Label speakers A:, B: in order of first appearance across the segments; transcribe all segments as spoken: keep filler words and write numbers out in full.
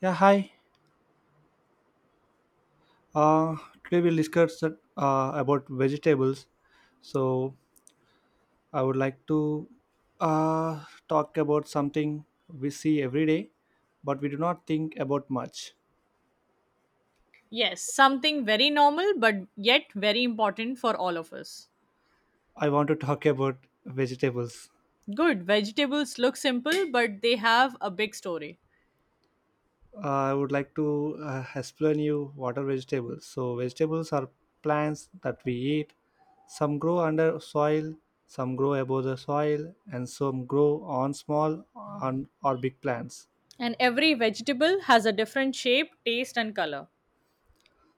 A: Yeah, hi. Uh, Today we'll discuss uh, about vegetables. So I would like to uh, talk about something we see every day, but we do not think about much.
B: Yes, something very normal but yet very important for all of us.
A: I want to talk about vegetables.
B: Good, vegetables look simple but they have a big story.
A: Uh, I would like to uh, explain you what are vegetables. So vegetables are plants that we eat. Some grow under soil, some grow above the soil, and some grow on small on or big plants.
B: And every vegetable has a different shape, taste, and color.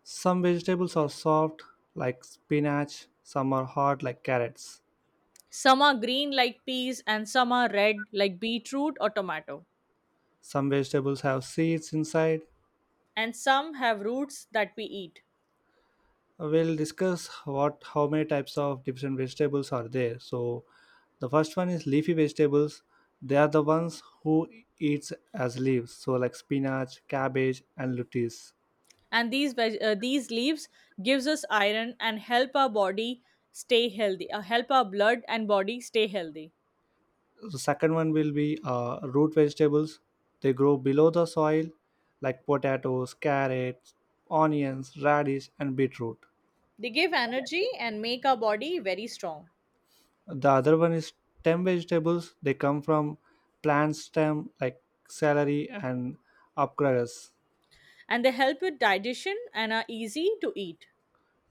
A: Some vegetables are soft, like spinach, some are hard, like carrots.
B: Some are green like peas, and some are red like beetroot or tomato.
A: Some vegetables have seeds inside.
B: And some have roots that we eat.
A: We'll discuss what how many types of different vegetables are there. So the first one is leafy vegetables. They are the ones who eats as leaves, so like spinach, cabbage, and lettuce.
B: And these veg- uh, these leaves gives us iron and help our body stay healthy. Uh, help our blood and body stay healthy.
A: The second one will be uh, root vegetables. They grow below the soil, like potatoes, carrots, onions, radish, and beetroot.
B: They give energy and make our body very strong.
A: The other one is stem vegetables. They come from plant stem like celery and asparagus.
B: And they help with digestion and are easy to eat.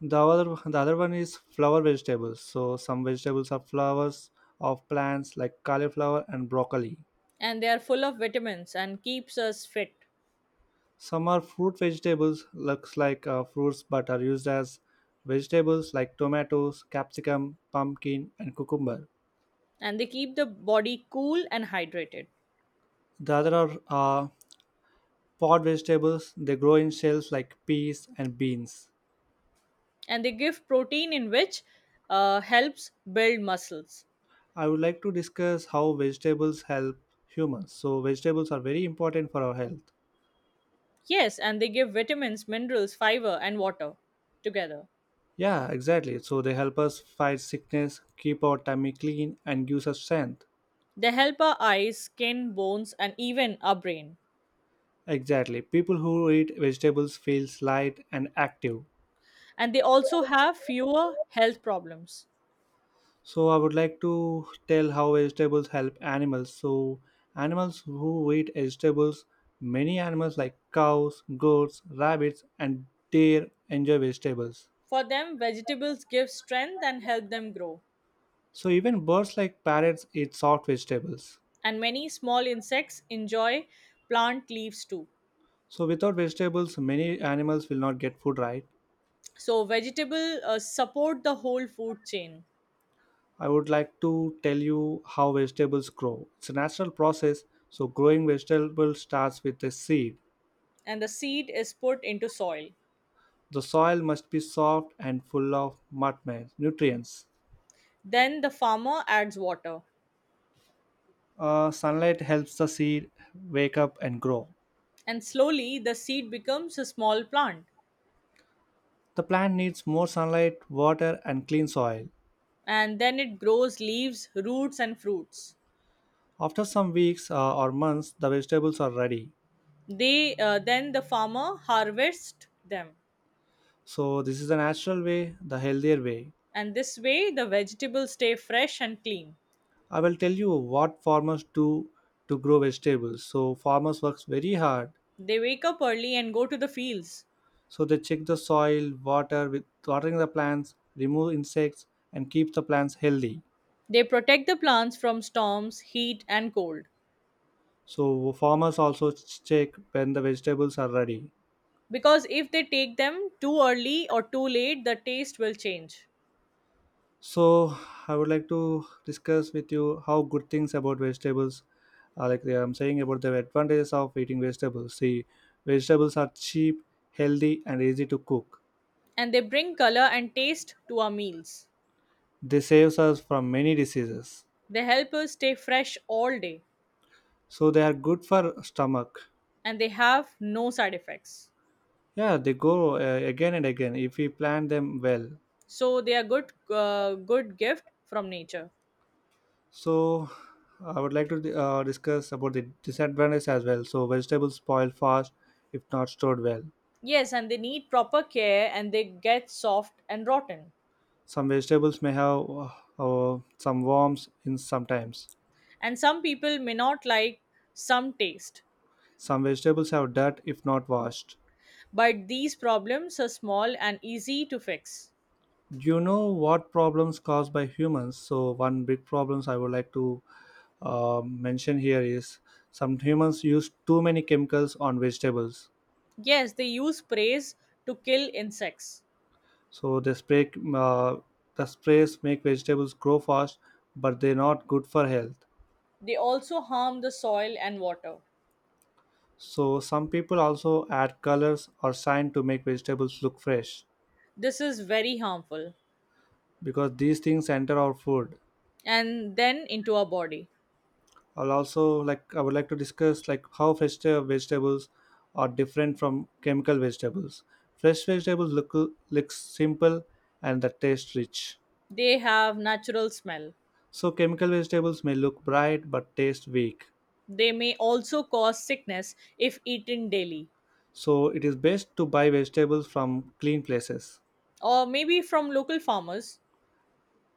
A: The other the other one is flower vegetables, so some vegetables are flowers of plants like cauliflower and broccoli.
B: And they are full of vitamins and keeps us fit.
A: Some are fruit vegetables, looks like uh, fruits but are used as vegetables, like tomatoes, capsicum, pumpkin, and cucumber.
B: And they keep the body cool and hydrated.
A: The other are uh, pod vegetables. They grow in shells like peas and beans.
B: And they give protein in which uh, helps build muscles.
A: I would like to discuss how vegetables help humans. So, vegetables are very important for our health.
B: Yes, and they give vitamins, minerals, fiber, and water together.
A: Yeah, exactly. So, they help us fight sickness, keep our tummy clean, and gives us strength.
B: They help our eyes, skin, bones, and even our brain.
A: Exactly. People who eat vegetables feels light and active.
B: And they also have fewer health problems.
A: So, I would like to tell how vegetables help animals. So, animals who eat vegetables, many animals like cows, goats, rabbits, and deer enjoy vegetables.
B: For them, vegetables give strength and help them grow.
A: So even birds like parrots eat soft vegetables.
B: And many small insects enjoy plant leaves too.
A: So, without vegetables, many animals will not get food, right?
B: So vegetable uh, support the whole food chain.
A: I would like to tell you how vegetables grow. It's a natural process, so, growing vegetables starts with a seed.
B: And the seed is put into soil.
A: The soil must be soft and full of nutmeg- nutrients.
B: Then the farmer adds water.
A: Uh, sunlight helps the seed wake up and grow.
B: And slowly the seed becomes a small plant.
A: The plant needs more sunlight, water, and clean soil.
B: And then it grows leaves, roots, and fruits.
A: After some weeks uh, or months, the vegetables are ready.
B: They uh, then the farmer harvests them.
A: So, this is the natural way, the healthier way.
B: And this way the vegetables stay fresh and clean.
A: I will tell you what farmers do to grow vegetables. So farmers works very hard.
B: They wake up early and go to the fields.
A: So they check the soil, water with watering the plants, remove insects, and keep the plants healthy.
B: They protect the plants from storms, heat, and cold.
A: So farmers also ch- check when the vegetables are ready.
B: Because if they take them too early or too late, the taste will change.
A: So I would like to discuss with you how good things about vegetables are, like I'm saying about the advantages of eating vegetables. See, vegetables are cheap, healthy, and easy to cook.
B: And they bring color and taste to our meals.
A: They saves us from many diseases,
B: They help us stay fresh all day.
A: so they are good for stomach.
B: And they have no side effects.
A: Yeah, they go uh, again and again if we plan them well.
B: So they are good uh, good gift from nature.
A: So I would like to uh, discuss about the disadvantage as well. So vegetables spoil fast if not stored well.
B: Yes, and they need proper care and they get soft and rotten.
A: Some vegetables may have uh, uh, some worms in sometimes.
B: And some people may not like some taste,
A: Some vegetables have dirt if not washed.
B: but these problems are small and easy to fix.
A: Do you know what problems caused by humans? So one big problems I would like to uh, mention here is some humans use too many chemicals on vegetables.
B: Yes, they use sprays to kill insects.
A: So the spray uh, the sprays make vegetables grow fast, but they're not good for health.
B: They also harm the soil and water.
A: So some people also add colors or shine to make vegetables look fresh,
B: This is very harmful.
A: because these things enter our food.
B: And then into our body.
A: I'll also like I would like to discuss like how fresh the vegetables are different from chemical vegetables. Fresh vegetables look look simple and the taste rich.
B: They have natural smell.
A: So chemical vegetables may look bright but taste weak.
B: They may also cause sickness if eaten daily.
A: So it is best to buy vegetables from clean places.
B: Or maybe from local farmers.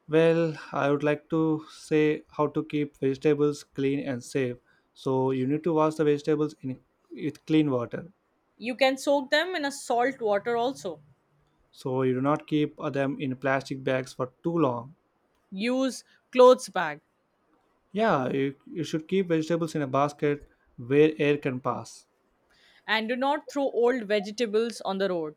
A: Well, I would like to say how to keep vegetables clean and safe. So you need to wash the vegetables in with clean water.
B: You can soak them in a salt water also.
A: So you do not keep uh, them in plastic bags for too long.
B: Use clothes bag,
A: Yeah, you, you should keep vegetables in a basket where air can pass.
B: and do not throw old vegetables on the road.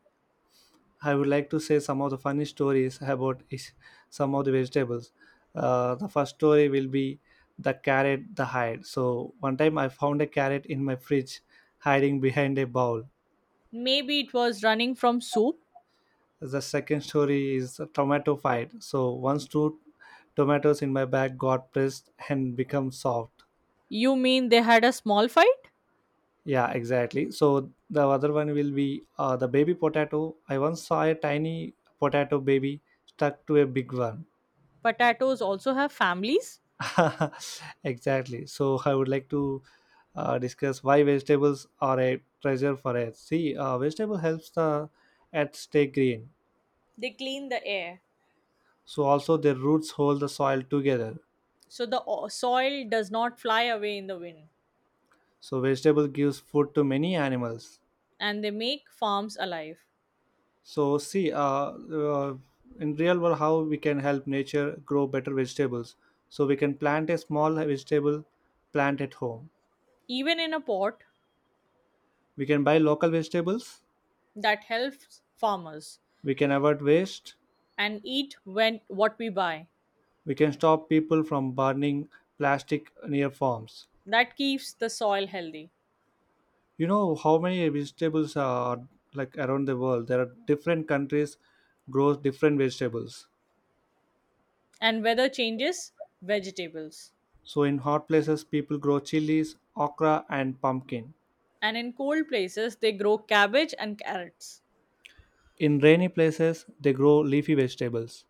A: I would like to say some of the funny stories about is some of the vegetables. Uh, the first story will be the carrot, the hide. So one time I found a carrot in my fridge, hiding behind a bowl.
B: Maybe it was running from soup.
A: The second story is a tomato fight. So once two tomatoes in my bag got pressed and become soft.
B: You mean they had a small fight?
A: Yeah, exactly. So the other one will be uh, the baby potato. I once saw a tiny potato baby stuck to a big one.
B: Potatoes also have families.
A: Exactly. So I would like to uh, discuss why vegetables are a treasure for us. See, uh, vegetable helps the earth stay green.
B: They clean the air,
A: So also their roots hold the soil together.
B: so the o- soil does not fly away in the wind.
A: So vegetable gives food to many animals.
B: And they make farms alive.
A: So see, uh, uh, in real world, how we can help nature grow better vegetables. So we can plant a small vegetable plant at home.
B: Even in a pot.
A: We can buy local vegetables.
B: That helps farmers.
A: We can avoid waste.
B: And eat when what we buy.
A: We can stop people from burning plastic near farms.
B: That keeps the soil healthy.
A: You know how many vegetables are like around the world? There are different countries grow different vegetables.
B: And weather changes vegetables.
A: So in hot places, people grow chilies, okra, and pumpkin.
B: And in cold places they grow cabbage and carrots.
A: In rainy places, they grow leafy vegetables.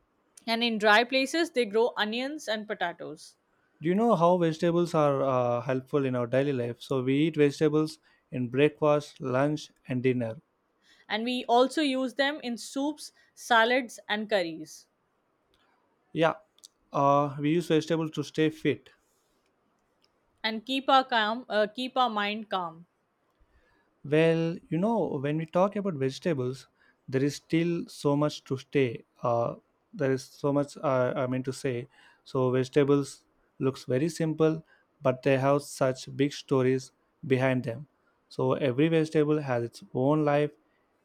B: And in dry places they grow onions and potatoes.
A: Do you know how vegetables are uh, helpful in our daily life? So we eat vegetables in breakfast, lunch, and dinner.
B: And we also use them in soups, salads, and curries.
A: Yeah, uh, we use vegetables to stay fit.
B: And keep our calm uh, keep our mind calm.
A: Well, you know, when we talk about vegetables, there is still so much to stay. Uh, there is so much uh, I mean to say. So vegetables looks very simple, but they have such big stories behind them. So every vegetable has its own life,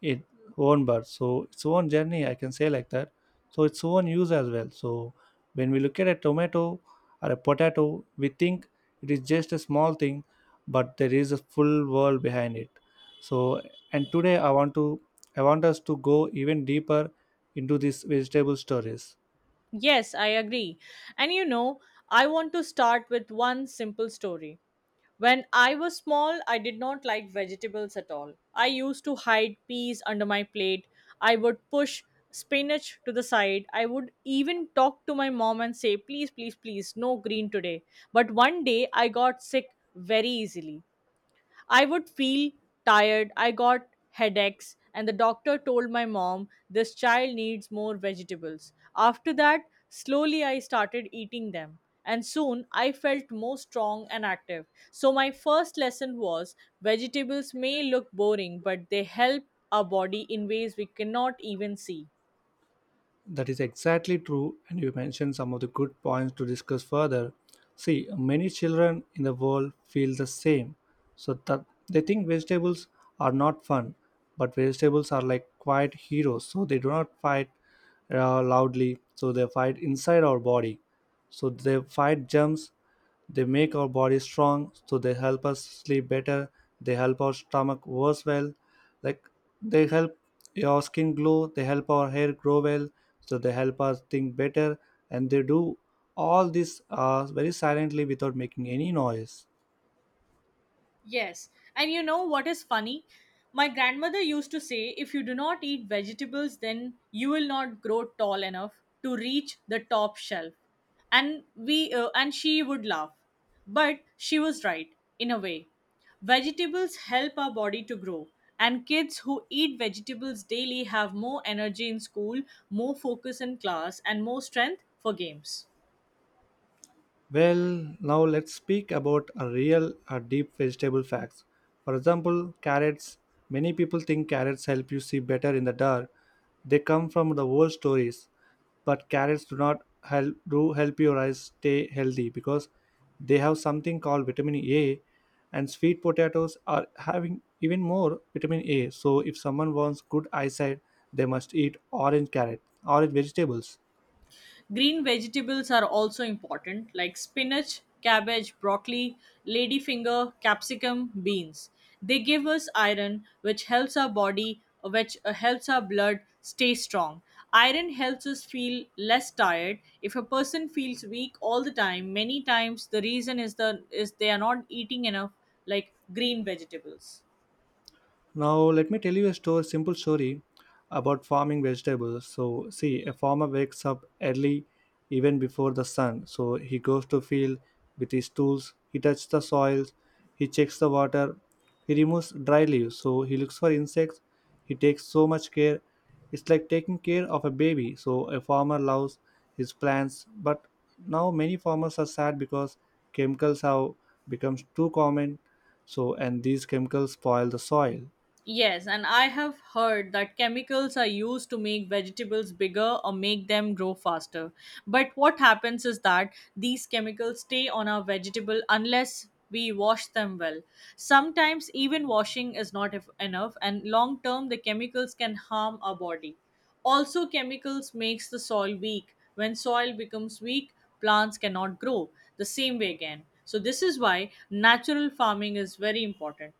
A: its own birth, so its own journey. I can say like that. So its own use as well. So when we look at a tomato or a potato, we think it is just a small thing, but there is a full world behind it. So and today I want to I want us to go even deeper into these vegetable stories.
B: Yes, I agree. And you know, I want to start with one simple story. When I was small, I did not like vegetables at all. I used to hide peas under my plate. I would push spinach to the side. I would even talk to my mom and say, please please please, no green today. But one day I got sick very easily. I would feel tired. I got headaches, and the doctor told my mom, this child needs more vegetables. After that, slowly I started eating them. And soon I felt more strong and active. So, my first lesson was vegetables may look boring, but they help our body in ways we cannot even see.
A: That is exactly true, and you mentioned some of the good points to discuss further. See, many children in the world feel the same, so that they think vegetables are not fun, but vegetables are like quiet heroes. So they do not fight uh, loudly, so they fight inside our body, so they fight germs. They make our bodies strong, so they help us sleep better. They help our stomach works well, like they help your skin glow. They help our hair grow well, so they help us think better. And they do all this uh, very silently without making any noise.
B: Yes. And you know what is funny? My grandmother used to say, if you do not eat vegetables, then you will not grow tall enough to reach the top shelf. And we uh, and she would laugh. But she was right in a way. Vegetables help our body to grow, and kids who eat vegetables daily have more energy in school, more focus in class, and more strength for games.
A: Well, now let's speak about a real or deep vegetable facts. For example, carrots. Many people think carrots help you see better in the dark. They come from the old stories, but carrots do not help do help your eyes stay healthy because they have something called vitamin A, and sweet potatoes are having even more vitamin A. So if someone wants good eyesight, they must eat orange carrot, orange vegetables.
B: Green vegetables are also important, like spinach, cabbage, broccoli, ladyfinger, capsicum, beans. They give us iron, which helps our body, which uh, helps our blood stay strong. Iron helps us feel less tired. If a person feels weak all the time, many times the reason is the is they are not eating enough like green vegetables.
A: Now, let me tell you a story, simple story about farming vegetables. So, see, a farmer wakes up early, even before the sun. So, he goes to field with his tools. He touches the soil. He checks the water. He removes dry leaves. So, he looks for insects. He takes so much care. It's like taking care of a baby. So, a farmer loves his plants. But now, many farmers are sad because chemicals have become too common. So, and these chemicals spoil the soil.
B: Yes, and I have heard that chemicals are used to make vegetables bigger or make them grow faster. But what happens is that these chemicals stay on our vegetable unless we wash them well. Sometimes even washing is not ef- enough, and long term the chemicals can harm our body. Also chemicals makes the soil weak. When soil becomes weak, plants cannot grow the same way again. So this is why natural farming is very important.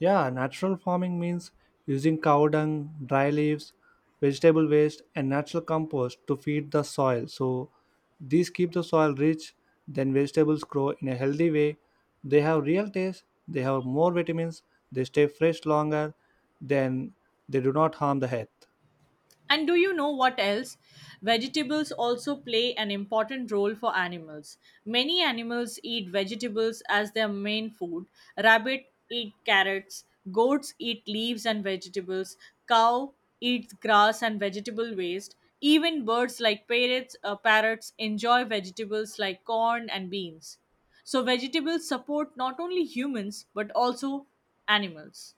A: Yeah, natural farming means using cow dung, dry leaves, vegetable waste, and natural compost to feed the soil. So these keep the soil rich, then vegetables grow in a healthy way. They have real taste, they have more vitamins, they stay fresh longer, then they do not harm the health.
B: And do you know what else? Vegetables also play an important role for animals. Many animals eat vegetables as their main food. Rabbit eat carrots, goats eat leaves and vegetables, cow eats grass and vegetable waste. Even birds like parrots, uh, parrots enjoy vegetables like corn and beans. So vegetables support not only humans but also animals.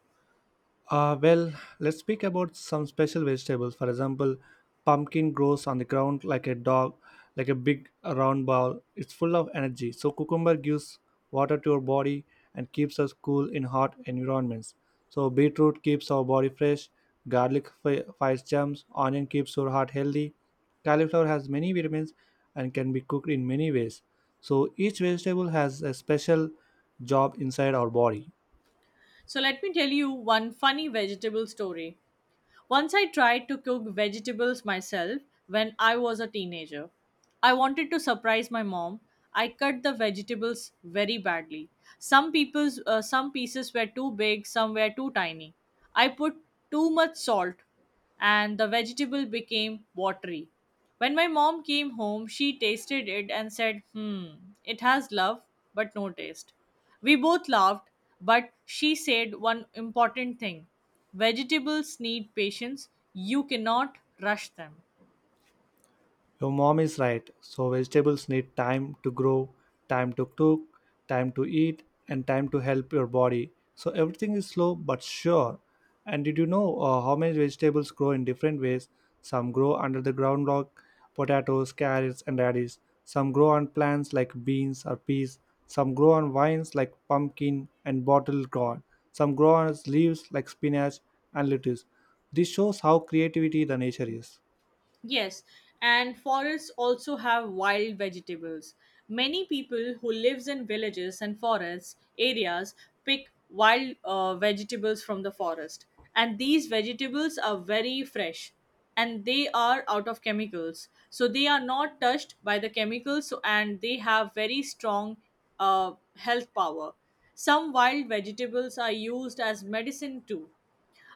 A: Uh, well, let's speak about some special vegetables. For example, pumpkin grows on the ground like a dog, like a big uh, round ball. It's full of energy. So cucumber gives water to our body and keeps us cool in hot environments. So beetroot keeps our body fresh. Garlic fi- fights germs. Onion keeps your heart healthy. Cauliflower has many vitamins and can be cooked in many ways. So each vegetable has a special job inside our body.
B: So let me tell you one funny vegetable story. Once I tried to cook vegetables myself when I was a teenager. I wanted to surprise my mom. I cut the vegetables very badly. Some people's uh, some pieces were too big, some were too tiny. I put too much salt and the vegetable became watery. When my mom came home, she tasted it and said, hmm, it has love, but no taste. We both laughed, but she said one important thing: vegetables need patience, you cannot rush them.
A: Your mom is right. So vegetables need time to grow, time to cook, time to eat, and time to help your body. So everything is slow but sure. And did you know uh, how many vegetables grow in different ways? Some grow under the ground like potatoes, carrots, and radish. Some grow on plants like beans or peas. Some grow on vines like pumpkin and bottle gourd. Some grow on leaves like spinach and lettuce. This shows how creativity the nature is.
B: Yes, and forests also have wild vegetables. Many people who lives in villages and forests areas pick wild uh, vegetables from the forest, and these vegetables are very fresh, and they are out of chemicals, so they are not touched by the chemicals, so, and they have very strong uh, health power. Some wild vegetables are used as medicine too.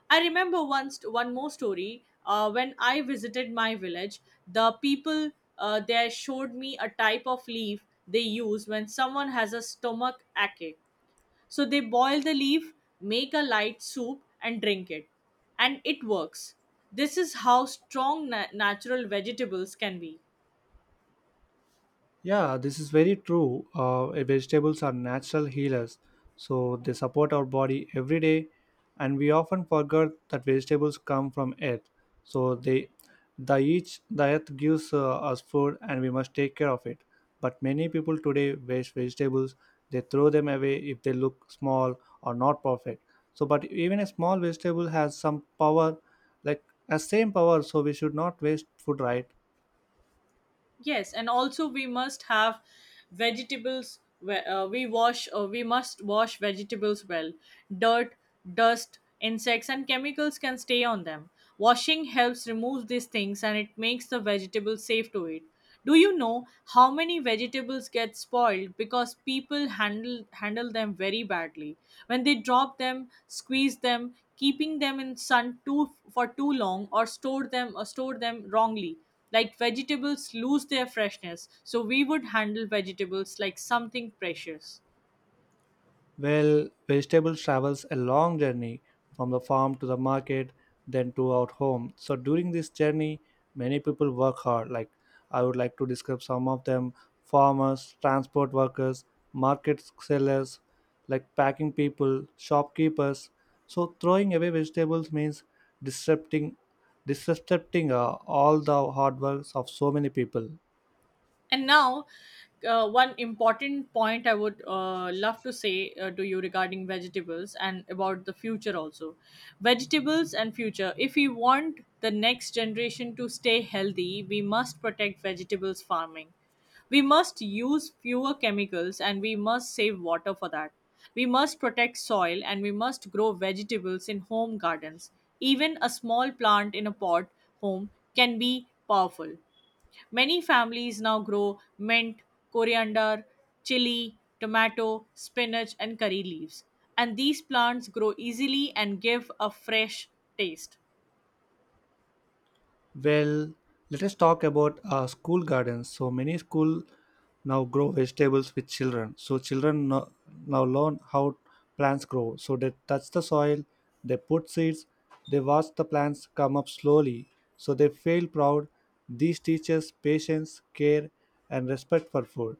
B: I remember once one more story. Uh, when I visited my village, the people uh, there showed me a type of leaf they use when someone has a stomach ache. So they boil the leaf, make a light soup, and drink it, and it works. This is how strong na- natural vegetables can be.
A: Yeah, this is very true. Uh, eh, vegetables are natural healers, so they support our body every day, and we often forget that vegetables come from earth. So they, the each the earth gives uh, us food, and we must take care of it. But many people today waste vegetables. They throw them away if they look small or not perfect. So, but even a small vegetable has some power, like a same power. So we should not waste food, right?
B: Yes, and also we must have vegetables. we- Uh, we wash or we must wash vegetables well. Dirt, dust, insects, and chemicals can stay on them. Washing helps remove these things and it makes the vegetable safe to eat. Do you know how many vegetables get spoiled because people handle handle them very badly? When they drop them, squeeze them, keeping them in sun too for too long, or store them or store them wrongly, like vegetables lose their freshness, so we would handle vegetables like something precious.
A: Well, vegetables travels a long journey from the farm to the market, then to our home. So during this journey, many people work hard. Like I would like to describe some of them: farmers, transport workers, market sellers, like packing people, shopkeepers. So throwing away vegetables means disrupting, disrupting uh, all the hard works of so many people.
B: And now, uh, one important point I would uh, love to say uh, to you regarding vegetables and about the future also. Vegetables and future. If we want the next generation to stay healthy, we must protect vegetables farming. We must use fewer chemicals and we must save water for that. We must protect soil and we must grow vegetables in home gardens. Even a small plant in a pot home can be powerful. Many families now grow mint, coriander, chili, tomato, spinach, and curry leaves. And these plants grow easily and give a fresh taste.
A: Well, let us talk about uh, school gardens. So many school now grow vegetables with children. So children no- now learn how plants grow. So they touch the soil, they put seeds, they watch the plants come up slowly. So they feel proud. These teaches patience, care, and respect for food.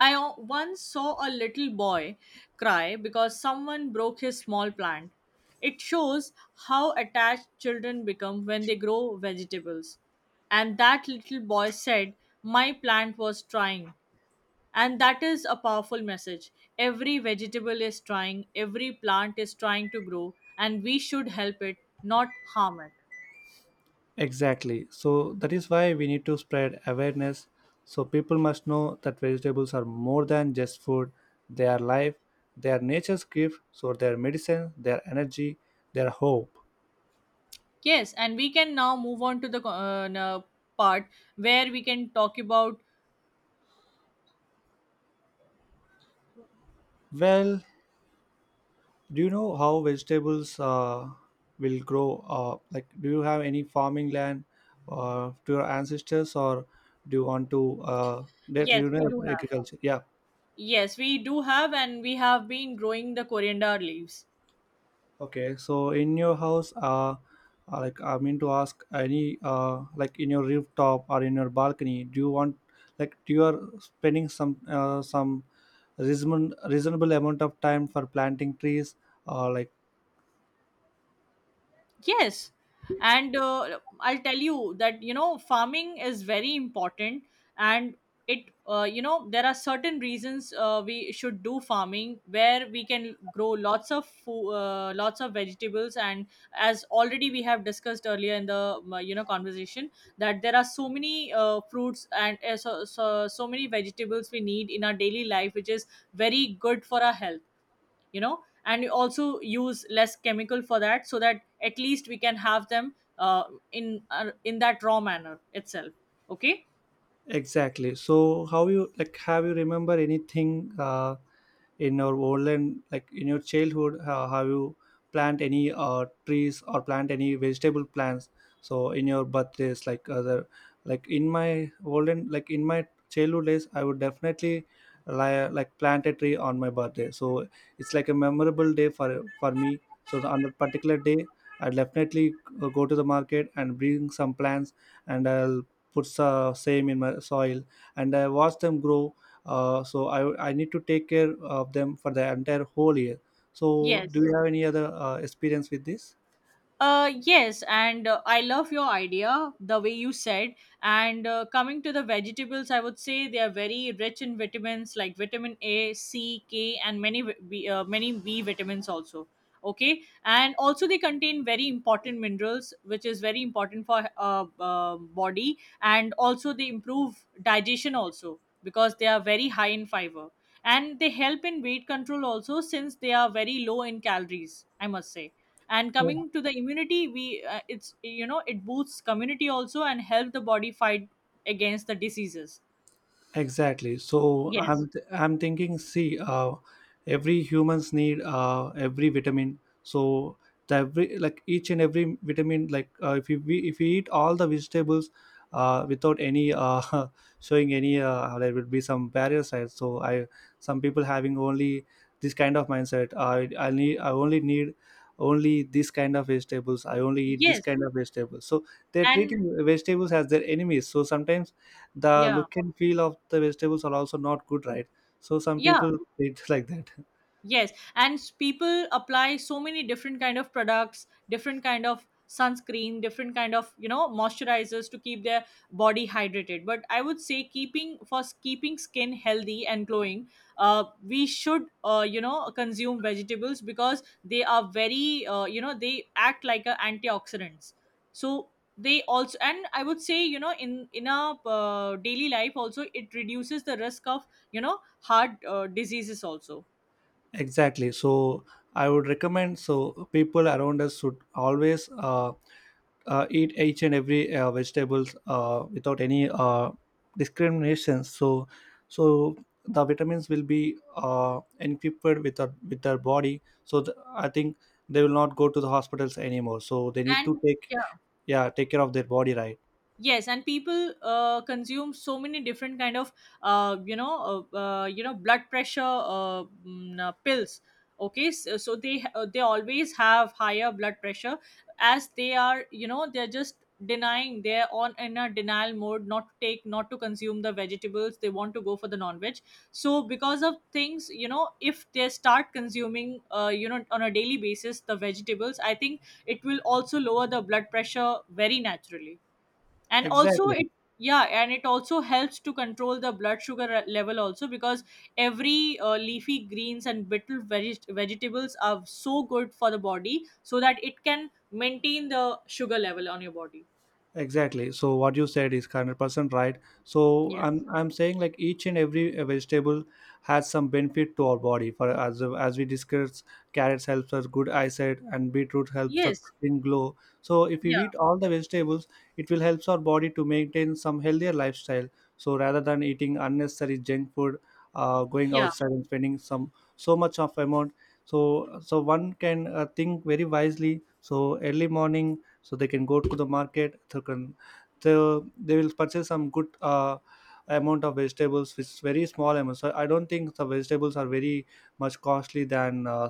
B: I o- once saw a little boy cry because someone broke his small plant. It shows how attached children become when they grow vegetables. And that little boy said, my plant was trying. And that is a powerful message. Every vegetable is trying, every plant is trying to grow, and we should help it, not harm it.
A: Exactly. So that is why we need to spread awareness. So people must know that vegetables are more than just food. They are life, they are nature's gift, so they are medicine, they are energy, they are hope.
B: Yes, and we can now move on to the uh, na- part where we can talk about.
A: Well, do you know how vegetables uh, will grow? Uh, like, do you have any farming land uh, to your ancestors, or do you want to uh, directly
B: Yes,
A: you
B: we
A: know,
B: do have.
A: agriculture? Yeah.
B: Yes, we do have, and we have been growing the coriander leaves.
A: Okay, so in your house, uh, uh, like I mean to ask, any uh, like in your rooftop or in your balcony, do you want like do you are spending some uh, some reasonable reasonable amount of time for planting trees or like.
B: Yes. And uh, I'll tell you that, you know, farming is very important. And it, uh, you know, there are certain reasons uh, we should do farming where we can grow lots of food, uh, lots of vegetables. And as already we have discussed earlier in the, uh, you know, conversation, that there are so many uh, fruits and uh, so, so, so many vegetables we need in our daily life, which is very good for our health you know and you also use less chemical for that so that at least we can have them uh, in uh, in that raw manner itself. Okay.
A: Exactly. So how you like have you remember anything uh, in your olden like in your childhood uh, have you plant any uh, trees or plant any vegetable plants so in your birthdays like other like in my olden like in my childhood days I would definitely li- like plant a tree on my birthday so it's like a memorable day for for me so the, on that particular day I definitely uh, go to the market and bring some plants, and I'll puts uh, same in my soil and I watch them grow. Uh, so I, I need to take care of them for the entire whole year. So do
B: yes
A: you have any other uh, experience with this?
B: uh yes and uh, I love your idea the way you said. And uh, coming to the vegetables, I would say they are very rich in vitamins like vitamin A, C, K and many vi- B, uh, many B vitamins also. Okay, and also they contain very important minerals which is very important for uh, uh body. And also they improve digestion also because they are very high in fiber, and they help in weight control also since they are very low in calories, I must say. And coming to the immunity, we uh, it's, you know, it boosts community also and help the body fight against the diseases.
A: Exactly. So
B: yes
A: I'm th- I'm thinking. See, uh, every humans need uh, every vitamin. So the every like each and every vitamin. Like uh, if you we, if you eat all the vegetables, uh, without any uh, showing any uh, there will be some parasites. So I some people having only this kind of mindset. I I need I only need only this kind of vegetables. I only eat this
B: yes
A: kind of vegetables. So they're
B: and
A: treating vegetables as their enemies. So sometimes the
B: yeah
A: look and feel of the vegetables are also not good, right? So some
B: yeah
A: people eat like that.
B: Yes, and s- people apply so many different kind of products, different kind of sunscreen, different kind of, you know, moisturizers to keep their body hydrated. But I would say keeping for s- keeping skin healthy and glowing, uh, we should, uh, you know consume vegetables because they are very, uh, you know they act like a antioxidants. So they also, and I would say, you know, in in our uh, daily life also it reduces the risk of, you know, heart uh, diseases also.
A: Exactly. So I would recommend so people around us should always uh, uh, eat each and every uh, vegetables uh, without any uh, discrimination. So so the vitamins will be uh, equipped with our with their body. So th- i think they will not go to the hospitals anymore, so they need to
B: And
A: take,
B: yeah,
A: yeah, take care of their body, right?
B: yes, and people uh, consume so many different kind of uh, you know uh, uh, you know blood pressure uh, mm, uh, pills. Okay, so, so they, uh, they always have higher blood pressure as they are, you know, they're just denying, they're on in a denial mode not to take, not to consume the vegetables, they want to go for the non-veg. So because of things, you know, if they start consuming, uh, you know on a daily basis the vegetables, I think it will also lower the blood pressure very naturally. And also
A: Exactly.
B: it, yeah, and it also helps to control the blood sugar re- level also because every uh, leafy greens and brittle veg- vegetables are so good for the body so that it can maintain the sugar level on your body.
A: Exactly. So what you said is hundred percent right. So
B: yes
A: I'm I'm saying like each and every uh, vegetable has some benefit to our body. For as as we discussed, carrots helps us good eyesight, and beetroot helps the
B: yes
A: skin glow. So if we
B: yeah
A: eat all the vegetables, it will helps our body to maintain some healthier lifestyle. So rather than eating unnecessary junk food, uh, going
B: yeah
A: outside and spending some so much of amount, so so one can uh, think very wisely. So early morning so they can go to the market they can they they will purchase some good uh, amount of vegetables which is very small amount. So I don't think the vegetables are very much costly than uh,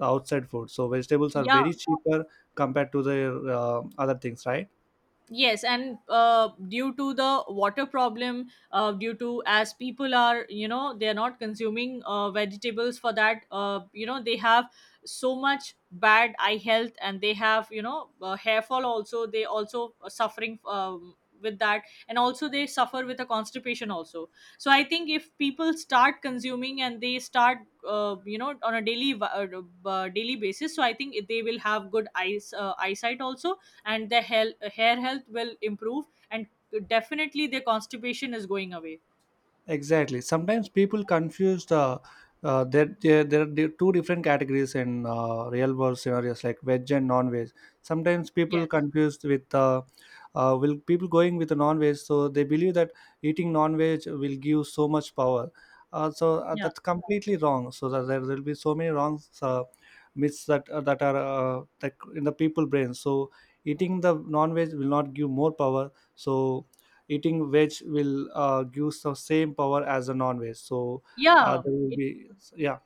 A: outside food. So vegetables are
B: yeah
A: very cheaper compared to the uh, other things, right?
B: Yes, and uh, due to the water problem, uh, due to as people are, you know, they're not consuming uh, vegetables, for that, uh, you know, they have so much bad eye health and they have, you know, uh, hair fall also. They also are suffering um, with that. And also they suffer with a constipation also. So I think if people start consuming and they start, uh, you know, on a daily, uh, uh, daily basis, so I think they will have good eyes, uh, eyesight also, and their health, hair health will improve, and definitely their constipation is going away.
A: Exactly. Sometimes people confuse uh, uh, there, there there are di- two different categories in uh, real world scenarios like veg and non veg. Sometimes people
B: yes
A: confused with uh, uh, will people going with the non veg, so they believe that eating non veg will give so much power. Uh, so uh,
B: yeah
A: that's completely wrong. So that there will be so many wrong uh, myths that uh, that are uh, that in the people brain. So eating the non veg will not give more power. So eating veg will uh, give the same power as a non-veg. So uh,
B: yeah
A: there will
B: it
A: be, yeah.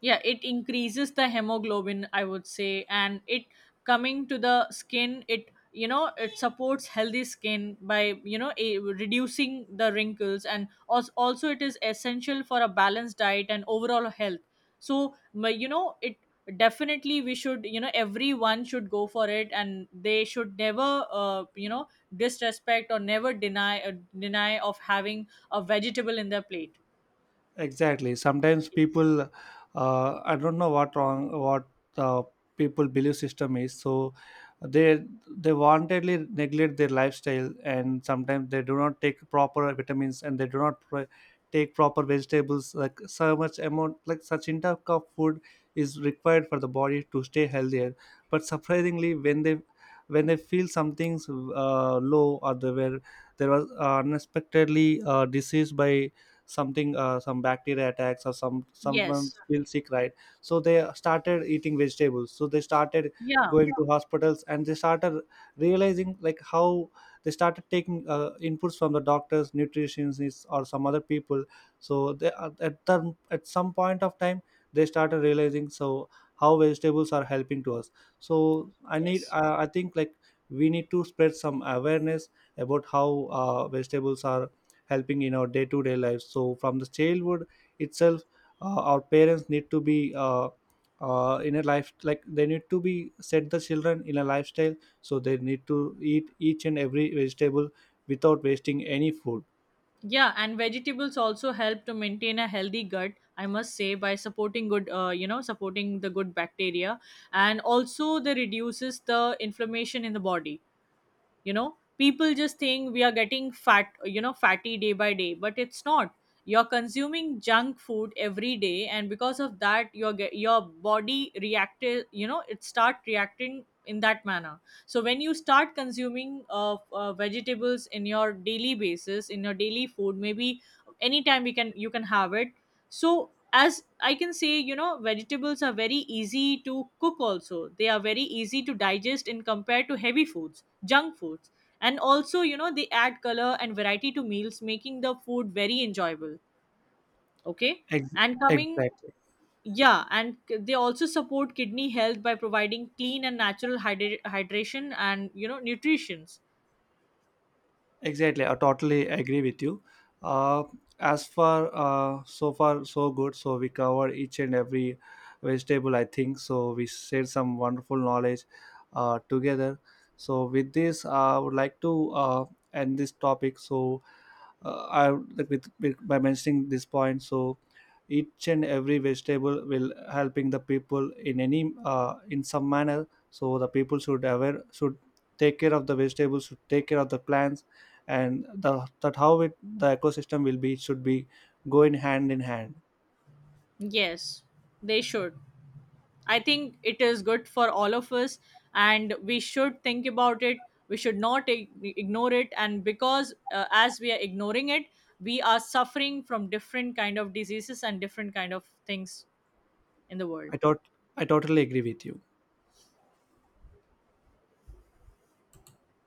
B: yeah it increases the hemoglobin, I would say. And it, coming to the skin, it, you know, it supports healthy skin by, you know, a, reducing the wrinkles, and also, also it is essential for a balanced diet and overall health. So ma- you know, it, definitely we should, you know, everyone should go for it, and they should never, uh, you know disrespect or never deny uh, deny of having a vegetable in their plate.
A: Exactly. Sometimes
B: yes
A: people uh, I don't know what wrong what uh, people belief system is so they they wantedly neglect their lifestyle. And sometimes they do not take proper vitamins and they do not pro- take proper vegetables like so much amount like such intake of food is required for the body to stay healthier. But surprisingly when they when they feel something's uh, low or they were there was uh, unexpectedly uh, disease by something uh, some bacteria attacks or some someone
B: yes
A: feels sick, right? So they started eating vegetables, so they started
B: yeah
A: going to hospitals and they started realizing like how they started taking uh, inputs from the doctors, nutritionists, or some other people. So they are- at the, at some point of time they started realizing so how vegetables are helping to us. So I need
B: yes
A: uh, I think like we need to spread some awareness about how uh, vegetables are helping in our day-to-day life. So from the childhood itself uh, our parents need to be uh, uh, in a life like they need to be set the children in a lifestyle, so they need to eat each and every vegetable without wasting any food.
B: Yeah, and vegetables also help to maintain a healthy gut, I must say, by supporting good, uh, you know, supporting the good bacteria. And also they reduces the inflammation in the body. You know, people just think we are getting fat, you know, fatty day by day, but it's not. You're consuming junk food every day, and because of that your ge- your body reacted, you know, it start reacting in that manner. So when you start consuming uh, uh, vegetables in your daily basis, in your daily food, maybe anytime we can, you can have it. So, as I can say, you know, vegetables are very easy to cook also. They are very easy to digest in compared to heavy foods, junk foods. And also, you know, they add color and variety to meals, making the food very enjoyable. Okay.
A: Ex-
B: And coming,
A: exactly
B: yeah, and c- they also support kidney health by providing clean and natural hydra- hydration and, you know, nutritions.
A: Exactly, I totally agree with you. Uh, as far uh, so far so good. So we cover each and every vegetable, I think. So we shared some wonderful knowledge uh, together. So with this, I would like to uh, end this topic. So uh, I like with, with by mentioning this point. So each and every vegetable will helping the people in any uh, in some manner. So the people should aware should take care of the vegetables, should take care of the plants, and the that how it the ecosystem will be should be going hand in hand.
B: Yes, they should. I think it is good for all of us, and we should think about it. We should not ig- ignore it. And because uh, as we are ignoring it, we are suffering from different kind of diseases and different kind of things in the world.
A: I thought I totally agree with you.